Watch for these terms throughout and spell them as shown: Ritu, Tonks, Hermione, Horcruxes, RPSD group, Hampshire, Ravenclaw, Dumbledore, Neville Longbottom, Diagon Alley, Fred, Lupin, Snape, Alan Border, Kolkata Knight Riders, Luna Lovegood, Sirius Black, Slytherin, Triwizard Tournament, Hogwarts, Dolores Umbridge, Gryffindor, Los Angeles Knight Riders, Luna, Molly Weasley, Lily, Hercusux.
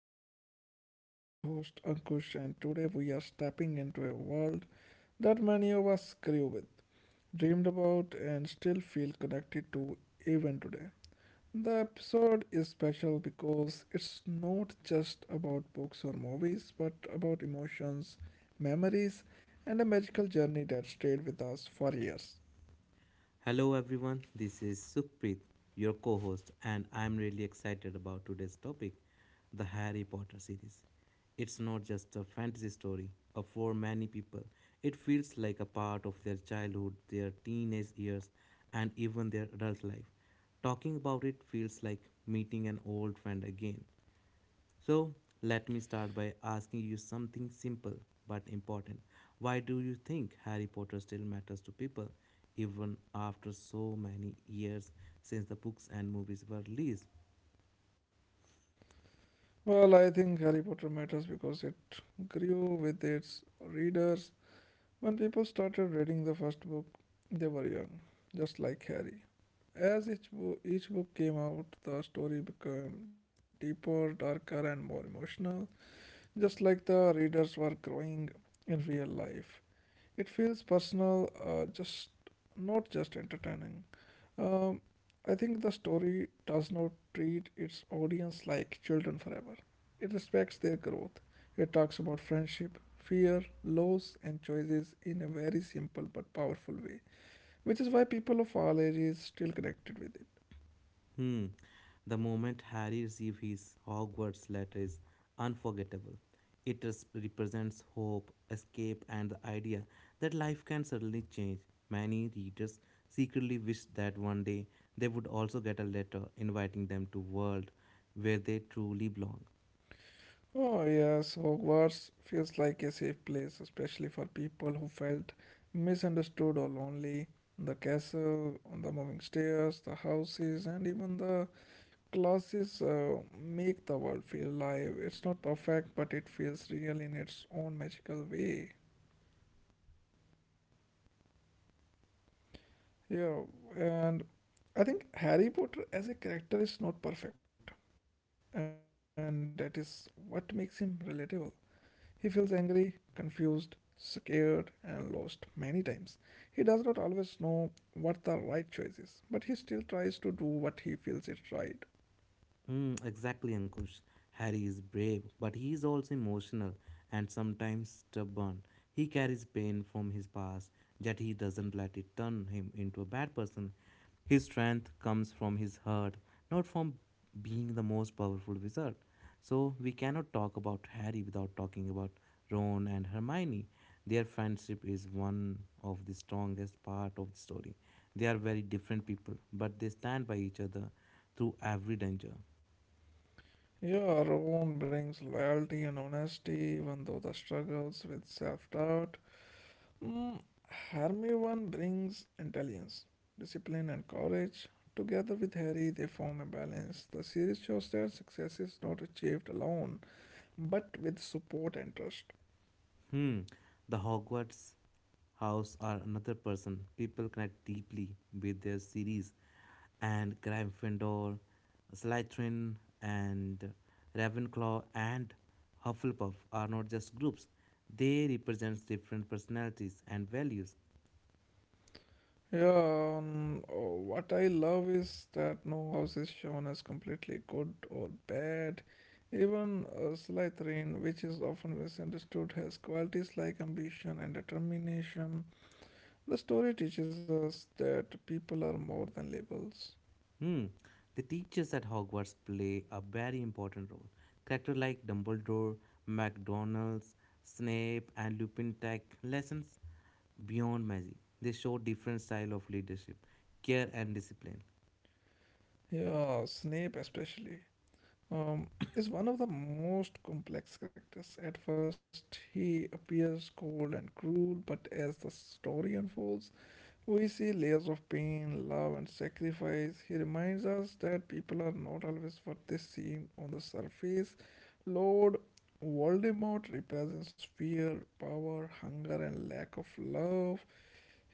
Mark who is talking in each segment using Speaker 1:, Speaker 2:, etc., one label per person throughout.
Speaker 1: podcast. I'm your host, Ankush, and today we are stepping into a world that many of us grew with, dreamed about, and still feel connected to even today. The episode is special because it's not just about books or movies, but about emotions, memories, and a magical journey that stayed with us for years.
Speaker 2: Hello everyone, this is Sukhpreet, your co-host, and I'm really excited about today's topic, the Harry Potter series. It's not just a fantasy story, for many people, it feels like a part of their childhood, their teenage years, and even their adult life. Talking about it feels like meeting an old friend again. So, let me start by asking you something simple but important. Why do you think Harry Potter still matters to people even after so many years since the books and movies were released?
Speaker 1: Well, I think Harry Potter matters because it grew with its readers. When people started reading the first book, they were young, just like Harry. As each book came out, the story became deeper, darker, and more emotional, just like the readers were growing in real life. It feels personal, just not just entertaining. Um, I think the story does not treat its audience like children forever. It respects their growth. It talks about friendship, fear, loss, and choices in a very simple but powerful way, which is why people of all ages still connected with it.
Speaker 2: Hmm. The moment Harry received his Hogwarts letter is unforgettable. It represents hope, escape, and the idea that life can suddenly change. Many readers secretly wish that one day they would also get a letter inviting them to world where they truly belong.
Speaker 1: Oh, yes, Hogwarts feels like a safe place, especially for people who felt misunderstood or lonely. The castle, the moving stairs, the houses, and even the classes make the world feel alive. It's not perfect, but it feels real in its own magical way. Yeah, and I think Harry Potter as a character is not perfect, and that is what makes him relatable. He feels angry, confused, scared, and lost many times. He does not always know what the right choice is, but he still tries to do what he feels is right.
Speaker 2: Mm, exactly, Ankush. Harry is brave, but he is also emotional and sometimes stubborn. He carries pain from his past, yet he doesn't let it turn him into a bad person. His strength comes from his heart, not from being the most powerful wizard. So, we cannot talk about Harry without talking about Ron and Hermione. Their friendship is one of the strongest part of the story. They are very different people, but they stand by each other through every danger.
Speaker 1: Yeah, our own brings loyalty and honesty, even though the struggles with self doubt. Mm, Hermione brings intelligence, discipline, and courage. Together with Harry, they form a balance. The series shows that success is not achieved alone, but with support and trust.
Speaker 2: Hmm, the Hogwarts house are another person. People connect deeply with their series, and Gryffindor, Slytherin, and Ravenclaw and Hufflepuff are not just groups. They represent different personalities and values.
Speaker 1: Yeah, what I love is that no house is shown as completely good or bad. Even Slytherin, which is often misunderstood, has qualities like ambition and determination. The story teaches us that people are more than labels.
Speaker 2: Hmm. The teachers at Hogwarts play a very important role. Characters like Dumbledore, McDonald's, Snape, and Lupin take lessons beyond magic. They show different style of leadership, care, and discipline.
Speaker 1: Yeah, Snape especially. Um, is one of the most complex characters. At first, he appears cold and cruel, but as the story unfolds, we see layers of pain, love, and sacrifice. He reminds us that people are not always what they seem on the surface. Lord Voldemort represents fear, power, hunger, and lack of love.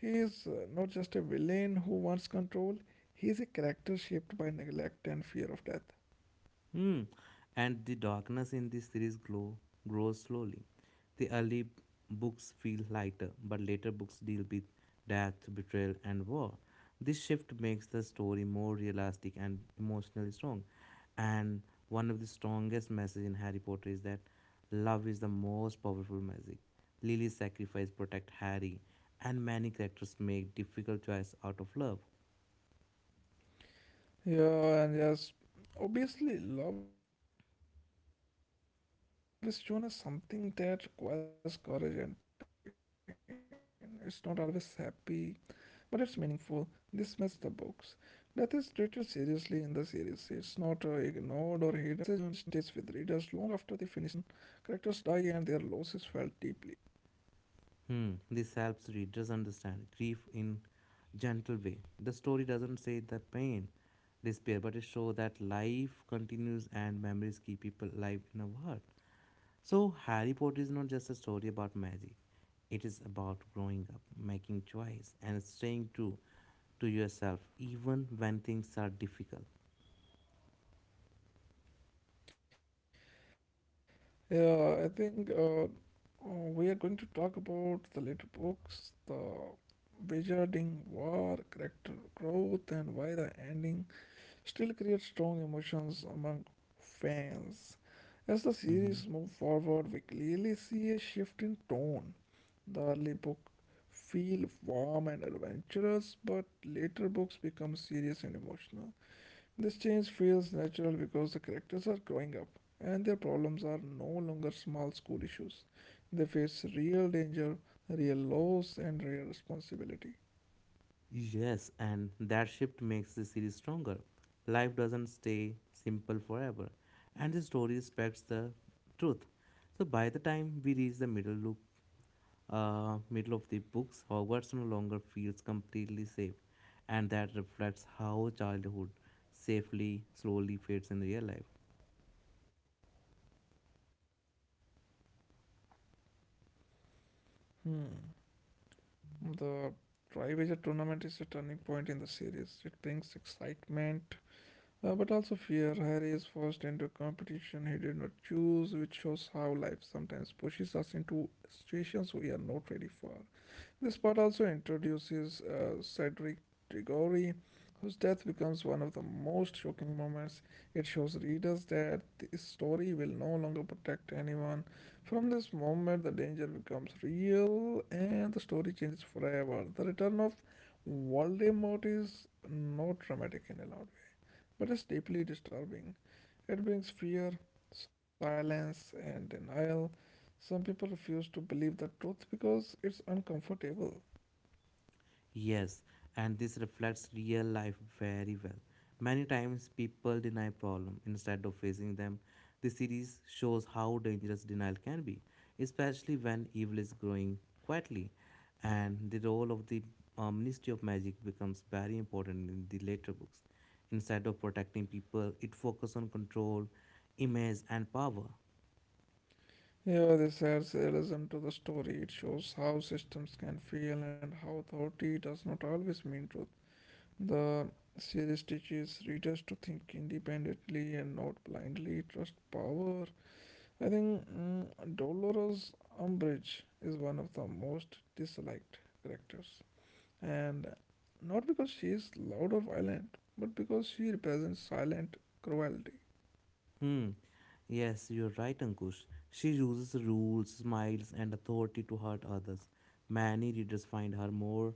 Speaker 1: He is not just a villain who wants control, he is a character shaped by neglect and fear of death.
Speaker 2: Hmm. And the darkness in this series glow grows slowly. The early books feel lighter, but later books deal with death, betrayal, and war. This shift makes the story more realistic and emotionally strong. And one of the strongest messages in Harry Potter is that love is the most powerful magic. Lily's sacrifice protect Harry, and many characters make difficult choice out of love.
Speaker 1: Yeah, and yes, obviously, love is shown as something that requires courage and pain. It's not always happy, but it's meaningful. This message stays with readers long after they finish the books. Death is treated seriously in the series. It's not ignored or hidden. Characters die and their loss is felt deeply.
Speaker 2: Hmm, this helps readers understand grief in gentle way. The story doesn't say the pain, despair, but it shows that life continues and memories keep people alive in a world. So Harry Potter is not just a story about magic. It is about growing up, making choice, and staying true to yourself even when things are difficult.
Speaker 1: Yeah, I think we are going to talk about the later books, the wizarding war, character growth, and why the ending still create strong emotions among fans. As the series moves forward, we clearly see a shift in tone. The early book feel warm and adventurous, but later books become serious and emotional. This change feels natural because the characters are growing up and their problems are no longer small school issues. They face real danger, real loss, and real responsibility.
Speaker 2: Yes, and that shift makes the series stronger. Life doesn't stay simple forever, and the story respects the truth. So by the time we reach the middle of the books, Hogwarts no longer feels completely safe, and that reflects how childhood safely slowly fades in real life.
Speaker 1: Hmm. The Triwager tournament is a turning point in the series. It brings excitement, but also fear. Harry is forced into a competition he did not choose, which shows how life sometimes pushes us into situations we are not ready for. This part also introduces Cedric Diggory, whose death becomes one of the most shocking moments. It shows readers that this story will no longer protect anyone. From this moment, the danger becomes real and the story changes forever. The return of Voldemort is not dramatic in a loud way, but it's deeply disturbing. It brings fear, silence, and denial. Some people refuse to believe the truth because it's uncomfortable.
Speaker 2: Yes, and this reflects real life very well. Many times people deny problem instead of facing them. The series shows how dangerous denial can be, especially when evil is growing quietly, and the role of the Ministry of Magic becomes very important in the later books. Instead of protecting people, it focuses on control, image, and power.
Speaker 1: Yeah, this adds realism to the story. It shows how systems can fail and how authority does not always mean truth. The series teaches readers to think independently and not blindly trust power. I think Dolores Umbridge is one of the most disliked characters, and not because she is loud or violent, but because she represents silent cruelty.
Speaker 2: Hmm. Yes, you're right, Ankush. She uses rules, smiles, and authority to hurt others. Many readers find her more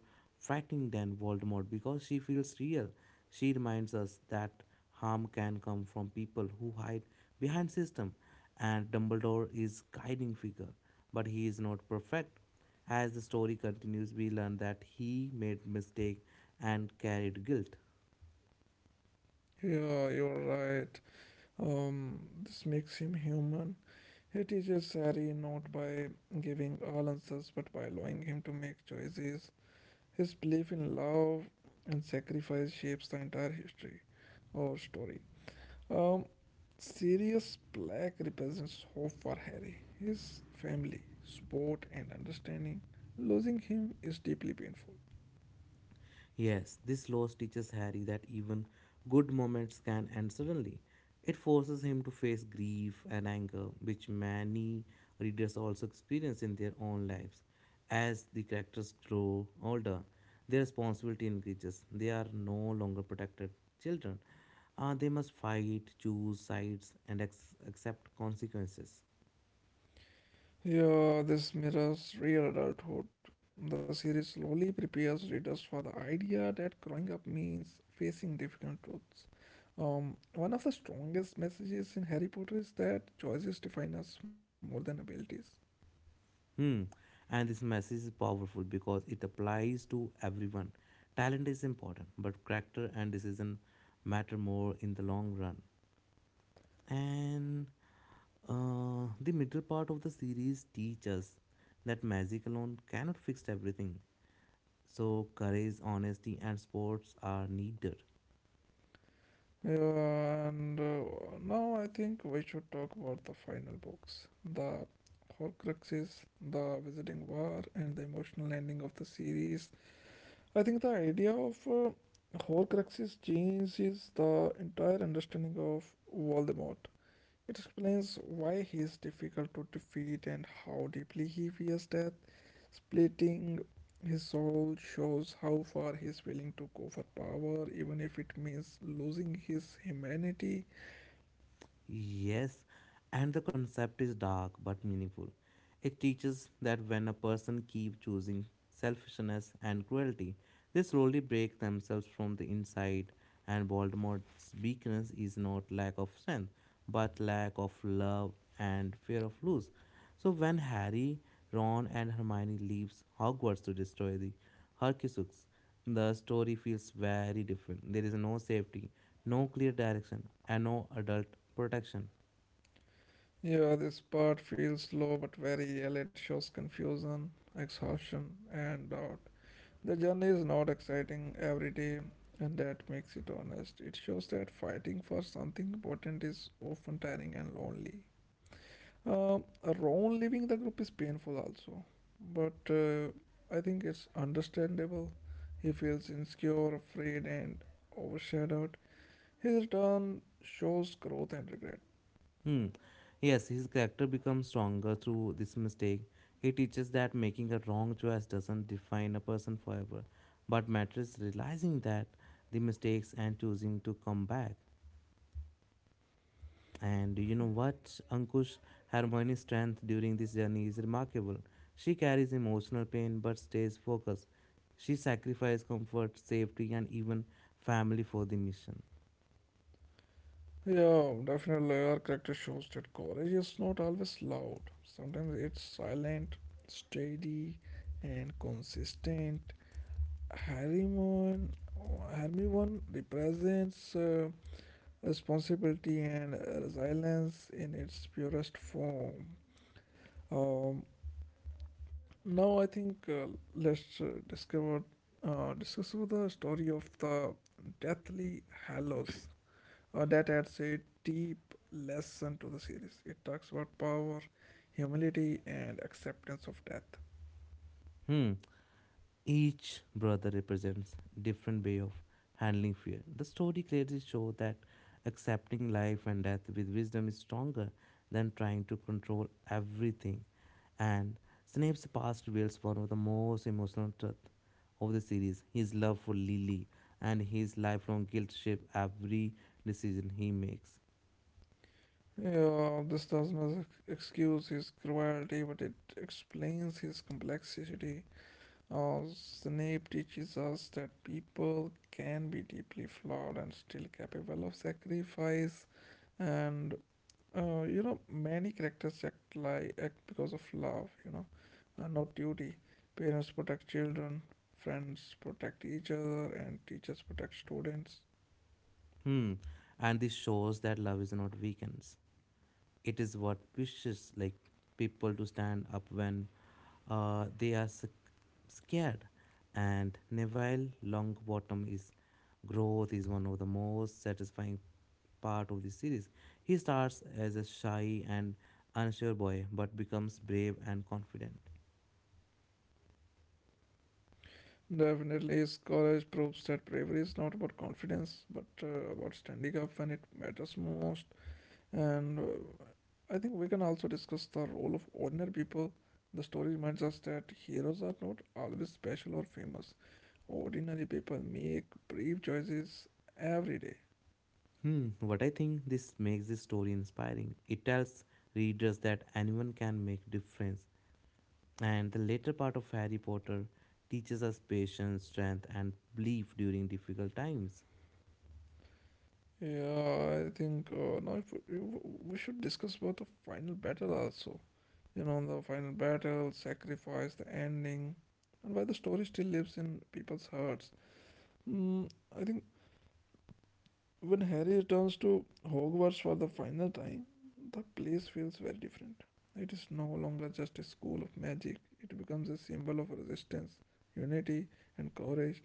Speaker 2: frightening than Voldemort because she feels real. She reminds us that harm can come from people who hide behind system, and Dumbledore is guiding figure, but he is not perfect. As the story continues, we learn that he made mistake and carried guilt.
Speaker 1: Yeah, you're right. Um, this makes him human. He teaches Harry not by giving all answers but by allowing him to make choices. His belief in love and sacrifice shapes the entire history or story. Um, Sirius Black represents hope for Harry, his family, sport, and understanding. Losing him is deeply painful.
Speaker 2: Yes, this loss teaches Harry that even good moments can end suddenly. It forces him to face grief and anger, which many readers also experience in their own lives. As the characters grow older, their responsibility increases. They are no longer protected children. They must fight, choose sides, and accept consequences.
Speaker 1: Yeah, this mirrors real adulthood. The series slowly prepares readers for the idea that growing up means facing difficult truths. One of the strongest messages in Harry Potter is that choices define us more than abilities.
Speaker 2: Hmm. And this message is powerful because it applies to everyone. Talent is important, but character and decision matter more in the long run. And the middle part of the series teaches us that magic alone cannot fix everything. So courage, honesty, and sports are needed.
Speaker 1: Yeah, and now I think we should talk about the final books, the Horcruxes, the Wizarding War, and the emotional ending of the series. I think the idea of Horcruxes changes the entire understanding of Voldemort. It explains why he is difficult to defeat and how deeply he fears death. Splitting his soul shows how far he is willing to go for power, even if it means losing his humanity.
Speaker 2: Yes, and the concept is dark but meaningful. It teaches that when a person keeps choosing selfishness and cruelty, they slowly break themselves from the inside. And Voldemort's weakness is not lack of strength, but lack of love and fear of lose. So when Harry, Ron, and Hermione leaves Hogwarts to destroy the Hercusux, the story feels very different. There is no safety, no clear direction, and no adult protection.
Speaker 1: Yeah, this part feels slow but very real. It shows confusion, exhaustion, and doubt. The journey is not exciting every day, and that makes it honest. It shows that fighting for something important is often tiring and lonely. Ron leaving the group is painful also, but I think it's understandable. He feels insecure, afraid, and overshadowed. His return shows growth and regret.
Speaker 2: Hmm. Yes, his character becomes stronger through this mistake. It teaches that making a wrong choice doesn't define a person forever, but matters realizing that the mistakes and choosing to come back. And you know what? Ankush, Harmoni's strength during this journey is remarkable. She carries emotional pain but stays focused. She sacrifices comfort, safety, and even family for the mission.
Speaker 1: Yeah, definitely, our character shows that courage is not always loud. Sometimes it's silent, steady, and consistent. Harry Mon- Hermione represents responsibility and resilience in its purest form. Um, now I think let's discover discuss about the story of the Deathly Hallows. That adds a deep lesson to the series. It talks about power, humility, and acceptance of death.
Speaker 2: Hmm. Each brother represents different way of handling fear. The story clearly shows that accepting life and death with wisdom is stronger than trying to control everything. And Snape's past reveals one of the most emotional truths of the series. His love for Lily and his lifelong guilt shape every decision he makes.
Speaker 1: Yeah, this does not excuse his cruelty, but it explains his complexity. Oh, Snape teaches us that people can be deeply flawed and still capable of sacrifice. And many characters act because of love. Not duty. Parents protect children, friends protect each other, and teachers protect students.
Speaker 2: Hmm. And this shows that love is not weakens. It is what pushes like people to stand up when uh, they are sc- scared, and Neville Longbottom is growth is one of the most satisfying part of the series. He starts as a shy and unsure boy but becomes brave and confident.
Speaker 1: Definitely, his courage proves that bravery is not about confidence, but about standing up when it matters most. And I think we can also discuss the role of ordinary people. The story reminds us that heroes are not always special or famous. Ordinary people make brave choices every day.
Speaker 2: Hmm, what I think this makes this story inspiring. It tells readers that anyone can make difference. And the later part of Harry Potter teaches us patience, strength, and belief during difficult times.
Speaker 1: Yeah, I think now if we, we should discuss about the final battle also. You know, the final battle, sacrifice, the ending, and why the story still lives in people's hearts. Mm, I think When Harry returns to Hogwarts for the final time, the place feels very different. It is no longer just a school of magic, it becomes a symbol of resistance, unity, and courage.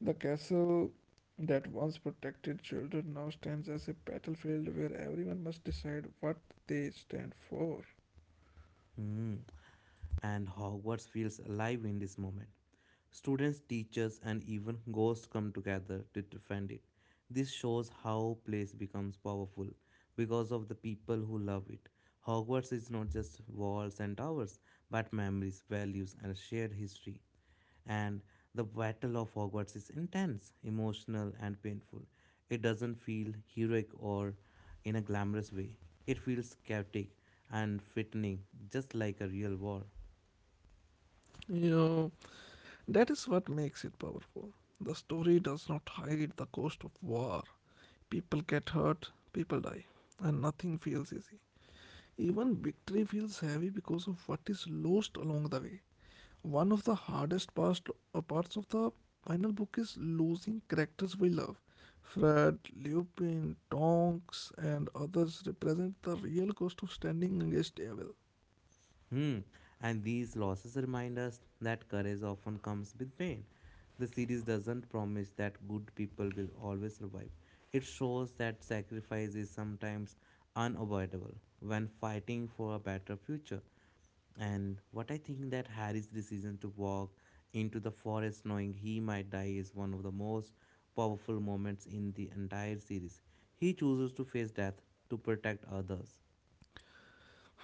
Speaker 1: The castle that once protected children now stands as a battlefield where everyone must decide what they stand for.
Speaker 2: Hmm. And Hogwarts feels alive in this moment. Students, teachers, and even ghosts come together to defend it. This shows how place becomes powerful because of the people who love it. Hogwarts is not just walls and towers, but memories, values, and shared history. And the battle of Hogwarts is intense, emotional, and painful. It doesn't feel heroic or in a glamorous way. It feels chaotic and frightening, just like a real war.
Speaker 1: Yeah, that is what makes it powerful. The story does not hide the cost of war. People get hurt, people die, and nothing feels easy. Even victory feels heavy because of what is lost along the way. One of the hardest parts of the final book is losing characters we love. Fred, Lupin, Tonks, and others represent the real cost of standing against evil.
Speaker 2: Hmm. And these losses remind us that courage often comes with pain. The series doesn't promise that good people will always survive. It shows that sacrifice is sometimes unavoidable when fighting for a better future. And what I think that Harry's decision to walk into the forest knowing he might die is one of the most powerful moments in the entire series. He chooses to face death to protect others.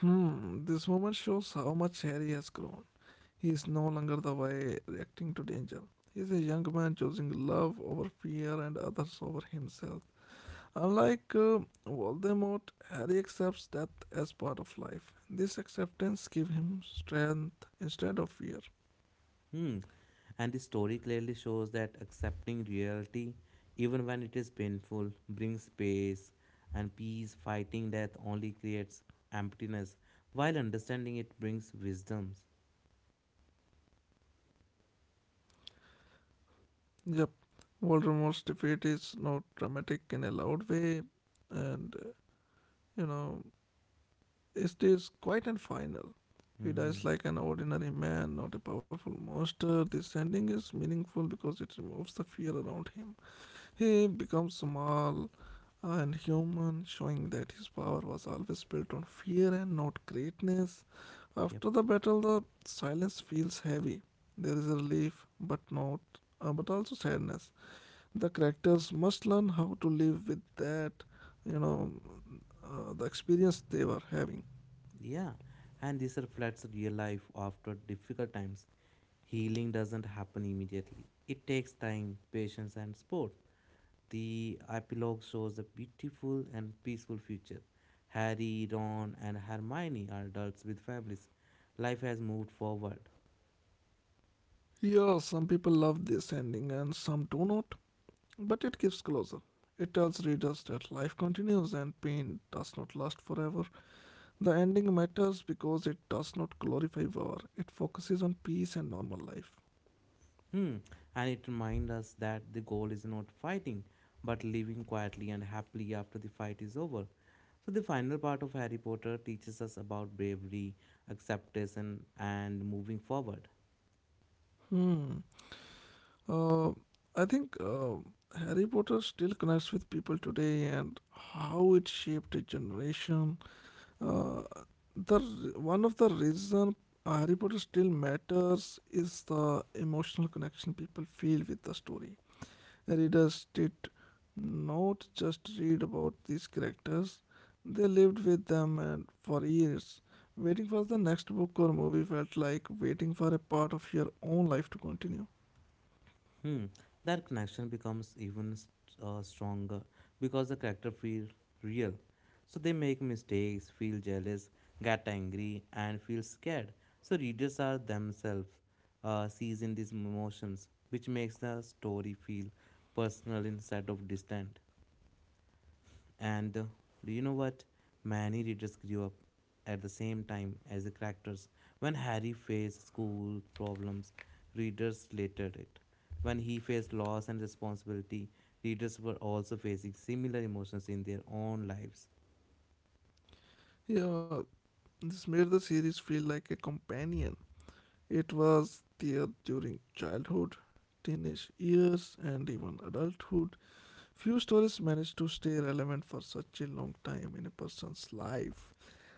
Speaker 1: Hmm, this moment shows how much Harry has grown. He is no longer the way reacting to danger. He is a young man choosing love over fear and others over himself. Unlike Voldemort, Harry accepts death as part of life. This acceptance gives him strength instead of fear.
Speaker 2: Hmm. And the story clearly shows that accepting reality, even when it is painful, brings peace and peace. Fighting death only creates emptiness, while understanding it brings wisdoms.
Speaker 1: Yep, Voldemort's defeat is not dramatic in a loud way, and you know, it is quite and final. He dies
Speaker 2: Hmm.
Speaker 1: like an ordinary man, not a powerful monster. This ending is meaningful because it removes the fear around him. He becomes small, and human, showing that his power was always built on fear and not greatness.
Speaker 2: Yep.
Speaker 1: After the battle, the silence feels heavy. There is a relief, but not, but also sadness. The characters must learn how to live with that, you know, the experience they were having.
Speaker 2: Yeah. And this reflects real life after difficult times. Healing doesn't happen immediately. It takes time, patience, and support. The epilogue shows a beautiful and peaceful future. Harry, Ron, and Hermione are adults with families. Life has moved forward.
Speaker 1: Yeah, some people love this ending and some do not, but it gives closure. It tells readers that life continues and pain does not last forever. The ending matters because it does not glorify war, it focuses on peace and normal life.
Speaker 2: Hmm. And it reminds us that the goal is not fighting, but living quietly and happily after the fight is over. So, the final part of Harry Potter teaches us about bravery, acceptance, and moving forward.
Speaker 1: Hmm. Uh, I think Harry Potter still connects with people today and how it shaped a generation. Uh, the one of the reason Harry Potter still matters is the emotional connection people feel with the story. Readers did not just read about these characters, they lived with them and for years. Waiting for the next book or movie felt like waiting for a part of your own life to continue.
Speaker 2: Hmm, that connection becomes even stronger because the character feel real. So they make mistakes, feel jealous, get angry, and feel scared. So readers are themselves seizing these emotions, which makes the story feel personal instead of distant. And do you know what? Many readers grew up at the same time as the characters. When Harry faced school problems, readers related it. When he faced loss and responsibility, readers were also facing similar emotions in their own lives.
Speaker 1: Yeah, this made the series feel like a companion. It was there during childhood, teenage years, and even adulthood. Few stories manage to stay relevant for such a long time in a person's life.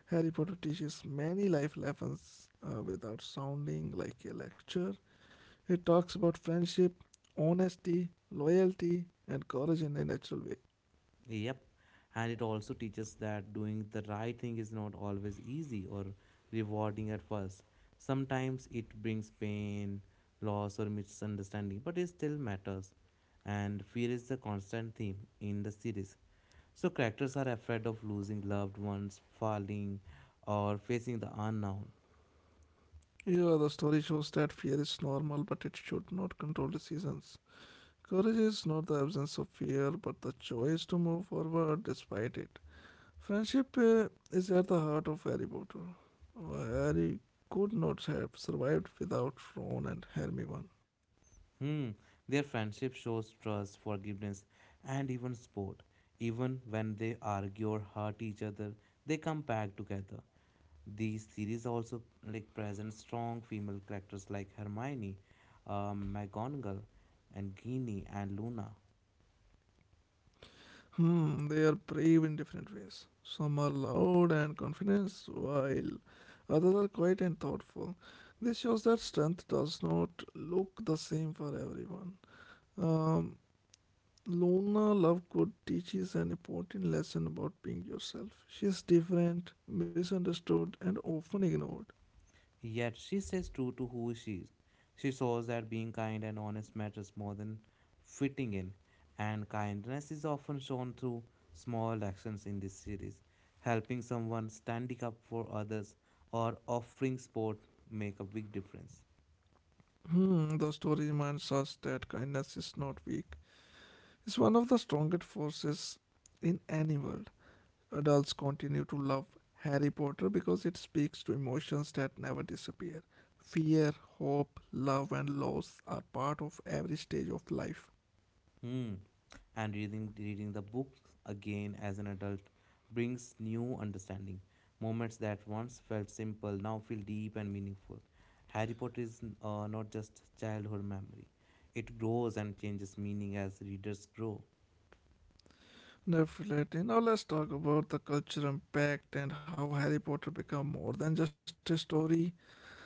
Speaker 1: Harry Potter teaches many life lessons without sounding like a lecture. It talks about friendship, honesty, loyalty, and courage in a natural way.
Speaker 2: Yep. And it also teaches that doing the right thing is not always easy or rewarding at first. Sometimes it brings pain, loss, or misunderstanding, but it still matters. And fear is the constant theme in the series. So, characters are afraid of losing loved ones, falling, or facing the unknown.
Speaker 1: Yeah, the story shows that fear is normal, but it should not control decisions. Courage is not the absence of fear, but the choice to move forward despite it. Friendship is at the heart of Harry Potter. Harry could not have survived without Ron and Hermione.
Speaker 2: Hmm. Their friendship shows trust, forgiveness, and even support. Even when they argue or hurt each other, they come back together. The series also like presents strong female characters like Hermione, McGonagall, and Ginny and Luna.
Speaker 1: Hmm, they are brave in different ways. Some are loud and confident, while others are quiet and thoughtful. This shows that strength does not look the same for everyone. Um, Luna Lovegood teaches an important lesson about being yourself. She is different, misunderstood, and often ignored.
Speaker 2: Yet she stays true to who she is. She shows that being kind and honest matters more than fitting in, and kindness is often shown through small actions in this series, helping someone standing up for others or offering support make a big difference.
Speaker 1: Hmm, the story reminds us that kindness is not weak. It's one of the strongest forces in any world. Adults continue to love Harry Potter because it speaks to emotions that never disappear. Fear, hope, love, and loss are part of every stage of life.
Speaker 2: Hmm. And reading the book again as an adult brings new understanding. Moments that once felt simple now feel deep and meaningful. Harry Potter is not just childhood memory; it grows and changes meaning as readers grow.
Speaker 1: Definitely. Now let's talk about the cultural impact and how Harry Potter became more than just a story.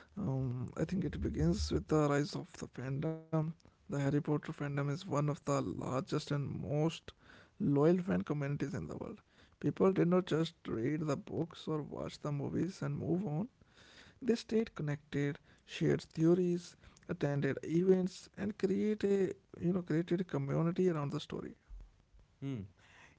Speaker 1: I think it begins with the rise of the fandom. The Harry Potter fandom is one of the largest and most loyal fan communities in the world. People did not just read the books or watch the movies and move on. They stayed connected, shared theories, attended events, and created a community around the story.
Speaker 2: Hmm.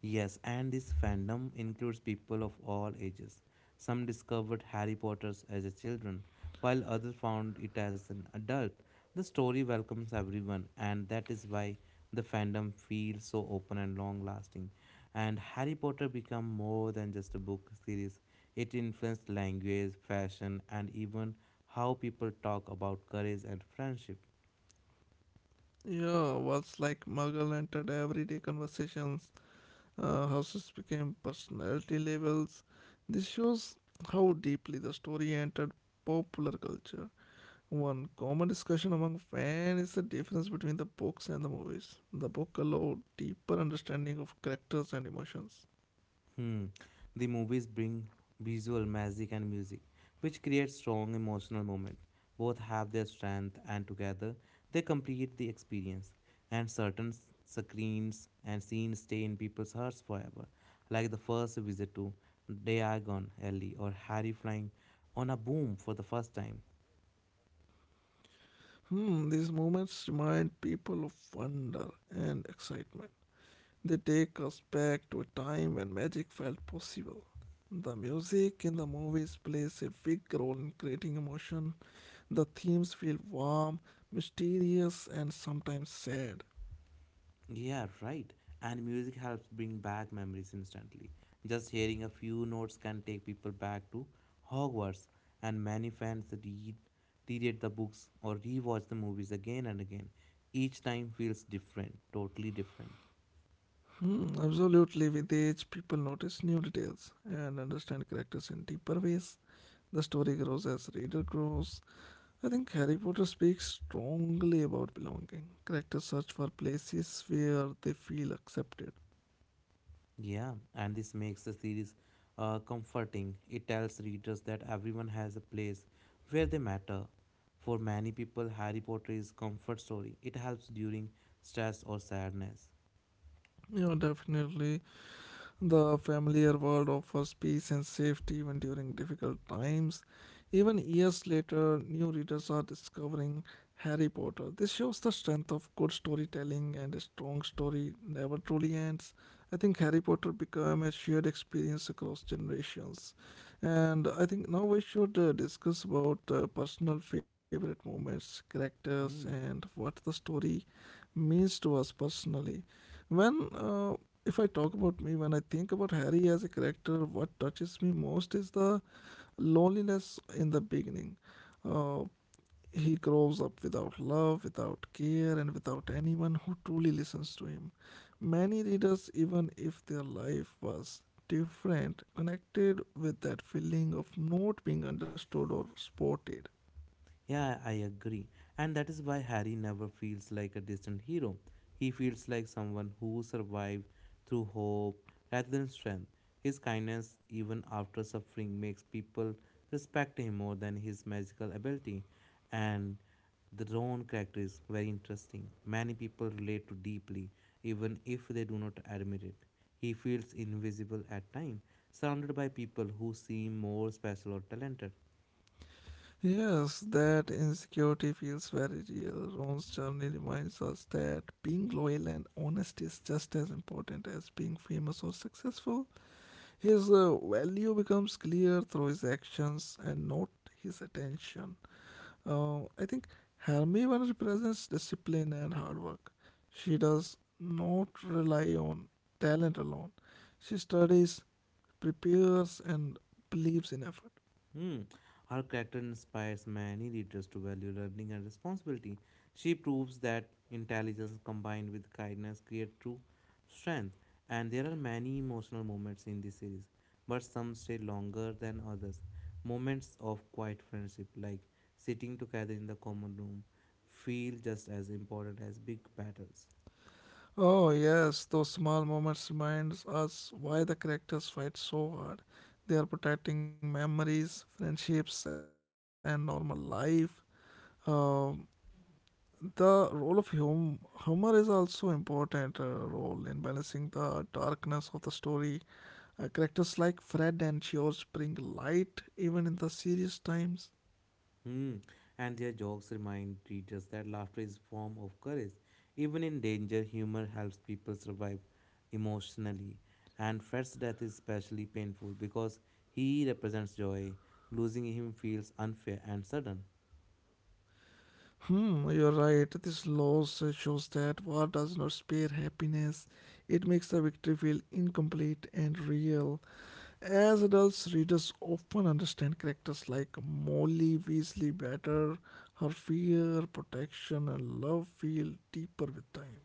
Speaker 2: Yes, and this fandom includes people of all ages. Some discovered Harry Potter's as a children, while others found it as an adult. The story welcomes everyone, and that is why the fandom feels so open and long-lasting. And Harry Potter became more than just a book series. It influenced language, fashion, and even how people talk about courage and friendship.
Speaker 1: Yeah, words like Muggle entered everyday conversations. Houses became personality labels. This shows how deeply the story entered popular culture. One common discussion among fans is the difference between the books and the movies. The book allowed deeper understanding of characters and emotions.
Speaker 2: Hmm. The movies bring visual magic and music, which create strong emotional moment. Both have their strength, and together they complete the experience. And certain screens and scenes stay in people's hearts forever, like the first visit to Diagon Alley or Harry flying on a boom for the first time.
Speaker 1: Hmm, these moments remind people of wonder and excitement. They take us back to a time when magic felt possible. The music in the movies plays a big role in creating emotion. The themes feel warm, mysterious, and sometimes sad.
Speaker 2: Yeah, right. And music helps bring back memories instantly. Just hearing a few notes can take people back to Hogwarts, and many fans read reread the books or rewatch the movies again and again. Each time feels different, totally different.
Speaker 1: Hmm, absolutely, with age, people notice new details and understand characters in deeper ways. The story grows as reader grows. I think Harry Potter speaks strongly about belonging. Characters search for places where they feel accepted.
Speaker 2: Yeah, and this makes the series comforting. It tells readers that everyone has a place where they matter. For many people, Harry Potter is comfort story. It helps during stress or sadness.
Speaker 1: You know, definitely. The familiar world offers peace and safety even during difficult times. Even years later, new readers are discovering Harry Potter. This shows the strength of good storytelling and a strong story never truly ends. I think Harry Potter became a shared experience across generations. And I think now we should discuss about personal favorite moments, characters,
Speaker 2: Hmm.
Speaker 1: and what the story means to us personally. When If I talk about me, when I think about Harry as a character, what touches me most is the loneliness in the beginning. Uh, he grows up without love, without care, and without anyone who truly listens to him. Many readers, even if their life was different, connected with that feeling of not being understood or supported.
Speaker 2: Yeah, I agree. And that is why Harry never feels like a distant hero. He feels like someone who survived through hope rather than strength. His kindness, even after suffering, makes people respect him more than his magical ability. And the Ron character is very interesting. Many people relate to deeply, even if they do not admit it. He feels invisible at times, surrounded by people who seem more special or talented.
Speaker 1: Yes, that insecurity feels very real. Ron's journey reminds us that being loyal and honest is just as important as being famous or successful. His value becomes clear through his actions and not his attention. I think Hermione represents discipline and hard work. She does not rely on talent alone. She studies, prepares, and believes in effort.
Speaker 2: Hmm. Her character inspires many readers to value learning and responsibility. She proves that intelligence combined with kindness create true strength, and there are many emotional moments in this series, but some stay longer than others. Moments of quiet friendship, like sitting together in the common room, feel just as important as big battles.
Speaker 1: Oh, yes, those small moments remind us why the characters fight so hard. They are protecting memories, friendships, and normal life. Um, the role of humor is also important role in balancing the darkness of the story. Characters like Fred and George bring light even in the serious times.
Speaker 2: Hmm. And their jokes remind readers that laughter is a form of courage. Even in danger, humor helps people survive emotionally. And Fred's death is especially painful because he represents joy. Losing him feels unfair and sudden.
Speaker 1: Hmm, you're right. This loss shows that war does not spare happiness. It makes the victory feel incomplete and real. As adults, readers often understand characters like Molly Weasley better. Her fear, protection, and love feel deeper with time.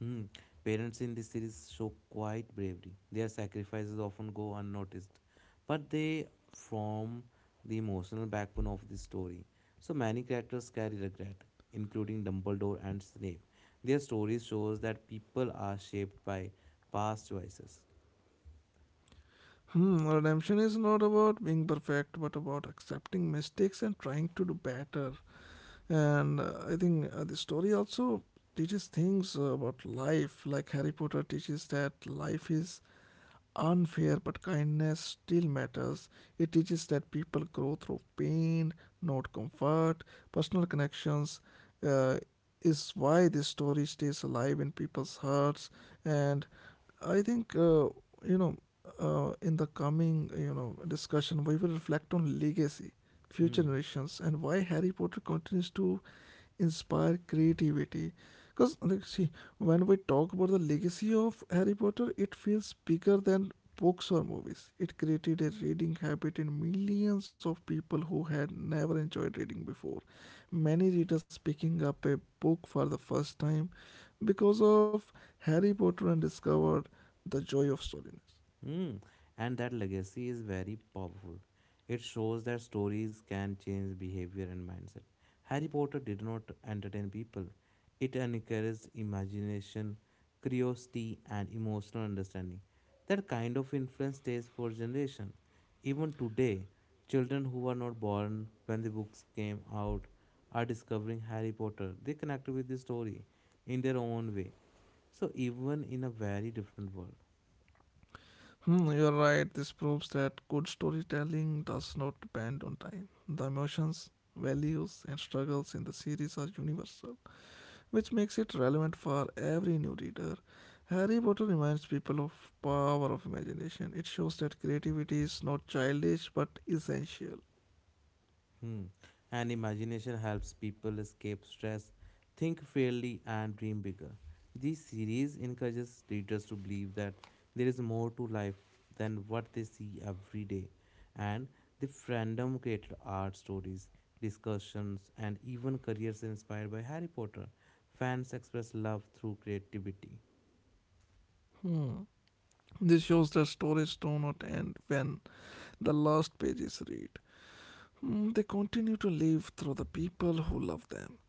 Speaker 2: Hmm. Parents in this series show quite bravery. Their sacrifices often go unnoticed, but they form the emotional backbone of the story. So many characters carry regret, including Dumbledore and Snape. Their story shows that people are shaped by past choices.
Speaker 1: Hmm, redemption is not about being perfect, but about accepting mistakes and trying to do better. And I think the story also teaches things about life, like Harry Potter teaches that life is unfair, but kindness still matters. It teaches that people grow through pain, not comfort. Personal connections uh, is why this story stays alive in people's hearts. And I think, you know, in the coming, discussion, we will reflect on legacy, future
Speaker 2: Hmm.
Speaker 1: generations, and why Harry Potter continues to inspire creativity. Because like, see when we talk about the legacy of Harry Potter, it feels bigger than books or movies. It created a reading habit in millions of people who had never enjoyed reading before. Many readers picking up a book for the first time because of Harry Potter and discovered the joy of storiness.
Speaker 2: Mm. And that legacy is very powerful. It shows that stories can change behavior and mindset. Harry Potter did not entertain people, it encouraged imagination, curiosity, and emotional understanding. That kind of influence stays for generations. Even today, children who were not born when the books came out are discovering Harry Potter. They connect with the story in their own way. So, even in a very different world.
Speaker 1: Hmm, you're right. This proves that good storytelling does not depend on time. The emotions, values, and struggles in the series are universal, which makes it relevant for every new reader. Harry Potter reminds people of power of imagination. It shows that creativity is not childish but essential.
Speaker 2: Hmm. And imagination helps people escape stress, think fairly, and dream bigger. This series encourages readers to believe that there is more to life than what they see every day. And the fandom created art stories, discussions, and even careers inspired by Harry Potter. Fans express love through creativity.
Speaker 1: Hmm. This shows that stories do not end when the last pages read. Hmm, they continue to live through the people who love them.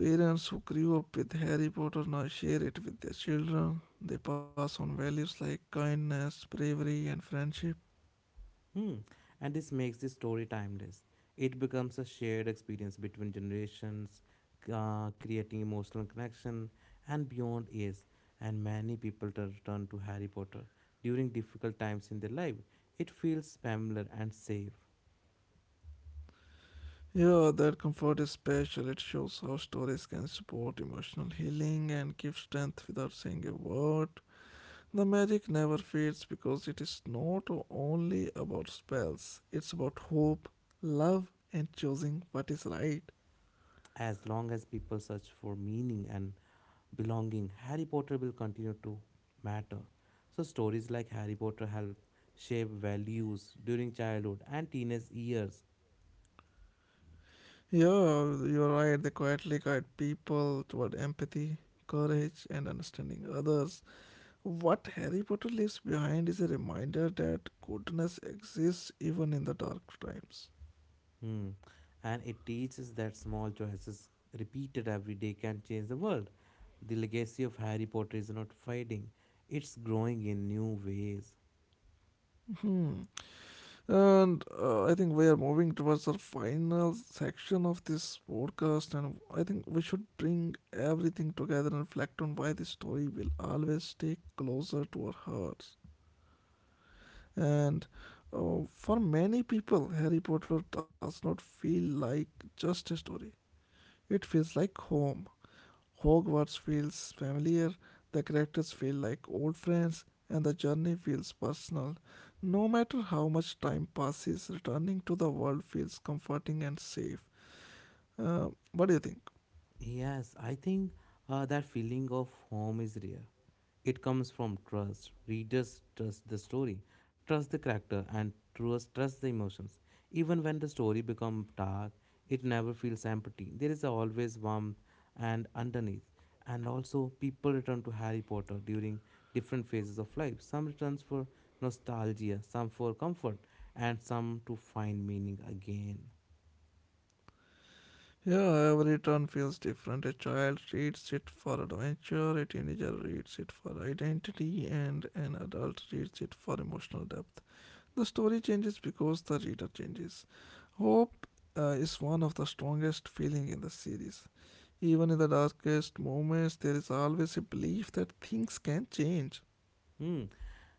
Speaker 1: Parents who grew up with Harry Potter now share it with their children. They pass on values like kindness, bravery, and friendship.
Speaker 2: Hmm. And this makes this story timeless. It becomes a shared experience between generations, creating emotional connection and beyond years. And many people turn to Harry Potter during difficult times in their life. It feels familiar and safe.
Speaker 1: Yeah, that comfort is special. It shows how stories can support emotional healing and give strength without saying a word. The magic never fades because it is not only about spells, it's about hope, love, and choosing what is right.
Speaker 2: As long as people search for meaning and belonging, Harry Potter will continue to matter. So stories like Harry Potter help shape values during childhood and teenage years.
Speaker 1: Yeah, you're right. They quietly guide people toward empathy, courage, and understanding others. What Harry Potter leaves behind is a reminder that goodness exists even in the dark times.
Speaker 2: Hmm. And it teaches that small choices repeated every day can change the world. The legacy of Harry Potter is not fading, it's growing in new ways.
Speaker 1: Hmm. And I think we are moving towards our final section of this podcast, and I think we should bring everything together and reflect on why this story will always stay closer to our hearts. And for many people, Harry Potter does not feel like just a story, it feels like home. Hogwarts feels familiar, the characters feel like old friends, and the journey feels personal. No matter how much time passes, returning to the world feels comforting and safe. What do you think?
Speaker 2: Yes, I think that feeling of home is real. It comes from trust. Readers trust the story, trust the character, and trust the emotions. Even when the story becomes dark, it never feels empty. There is always warmth and underneath. And also, people return to Harry Potter during different phases of life. Some returns for nostalgia, some for comfort, and some to find meaning again.
Speaker 1: Yeah, every turn feels different. A child reads it for adventure, a teenager reads it for identity, and an adult reads it for emotional depth. The story changes because the reader changes. Hope is one of the strongest feeling in the series. Even in the darkest moments, there is always a belief that things can change.
Speaker 2: Hmm.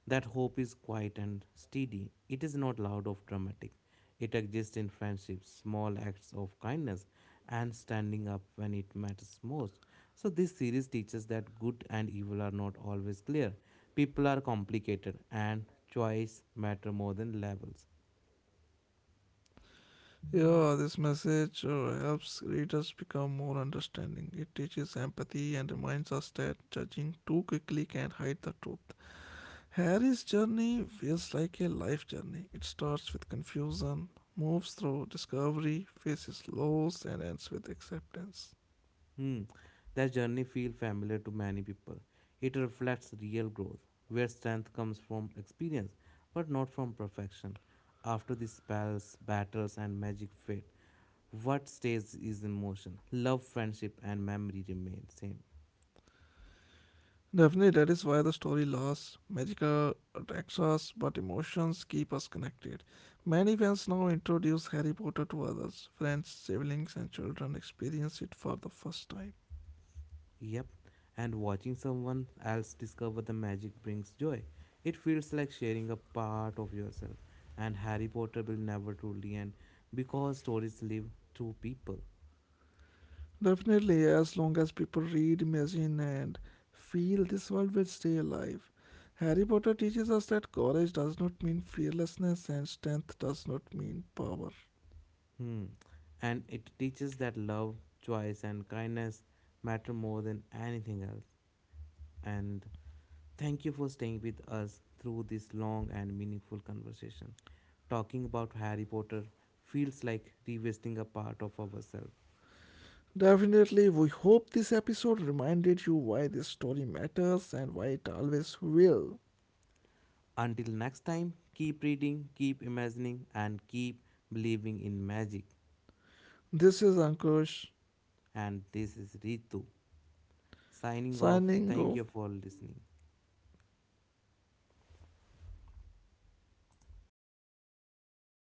Speaker 2: That hope is quiet and steady. It is not loud or dramatic. It exists in friendships, small acts of kindness, and standing up when it matters most. So, this series teaches that good and evil are not always clear. People are complicated, and choice matter more than levels.
Speaker 1: Yeah, this message helps readers become more understanding. It teaches empathy and reminds us that judging too quickly can hide the truth. Harry's journey feels like a life journey. It starts with confusion, moves through discovery, faces loss, and ends with acceptance.
Speaker 2: Hmm, that journey feels familiar to many people. It reflects real growth, where strength comes from experience, but not from perfection. After the spells, battles, and magic fade, what stays is emotion. Love, friendship, and memory remain same.
Speaker 1: Definitely, that is why the story lasts. Magical attracts us, but emotions keep us connected. Many fans now introduce Harry Potter to others. Friends, siblings, and children experience it for the first time.
Speaker 2: Yep, and watching someone else discover the magic brings joy. It feels like sharing a part of yourself, and Harry Potter will never truly end because stories live through people.
Speaker 1: Definitely, as long as people read, imagine, and feel, this world will stay alive. Harry Potter teaches us that courage does not mean fearlessness and strength does not mean power.
Speaker 2: Hmm. And it teaches that love, choice, and kindness matter more than anything else. And thank you for staying with us through this long and meaningful conversation. Talking about Harry Potter feels like revisiting a part of ourselves.
Speaker 1: Definitely, we hope this episode reminded you why this story matters and why it always will.
Speaker 2: Until next time, keep reading, keep imagining, and keep believing in magic.
Speaker 1: This is Ankush
Speaker 2: And this is Ritu signing off.
Speaker 1: signing
Speaker 2: Thank
Speaker 1: off.
Speaker 2: you for listening.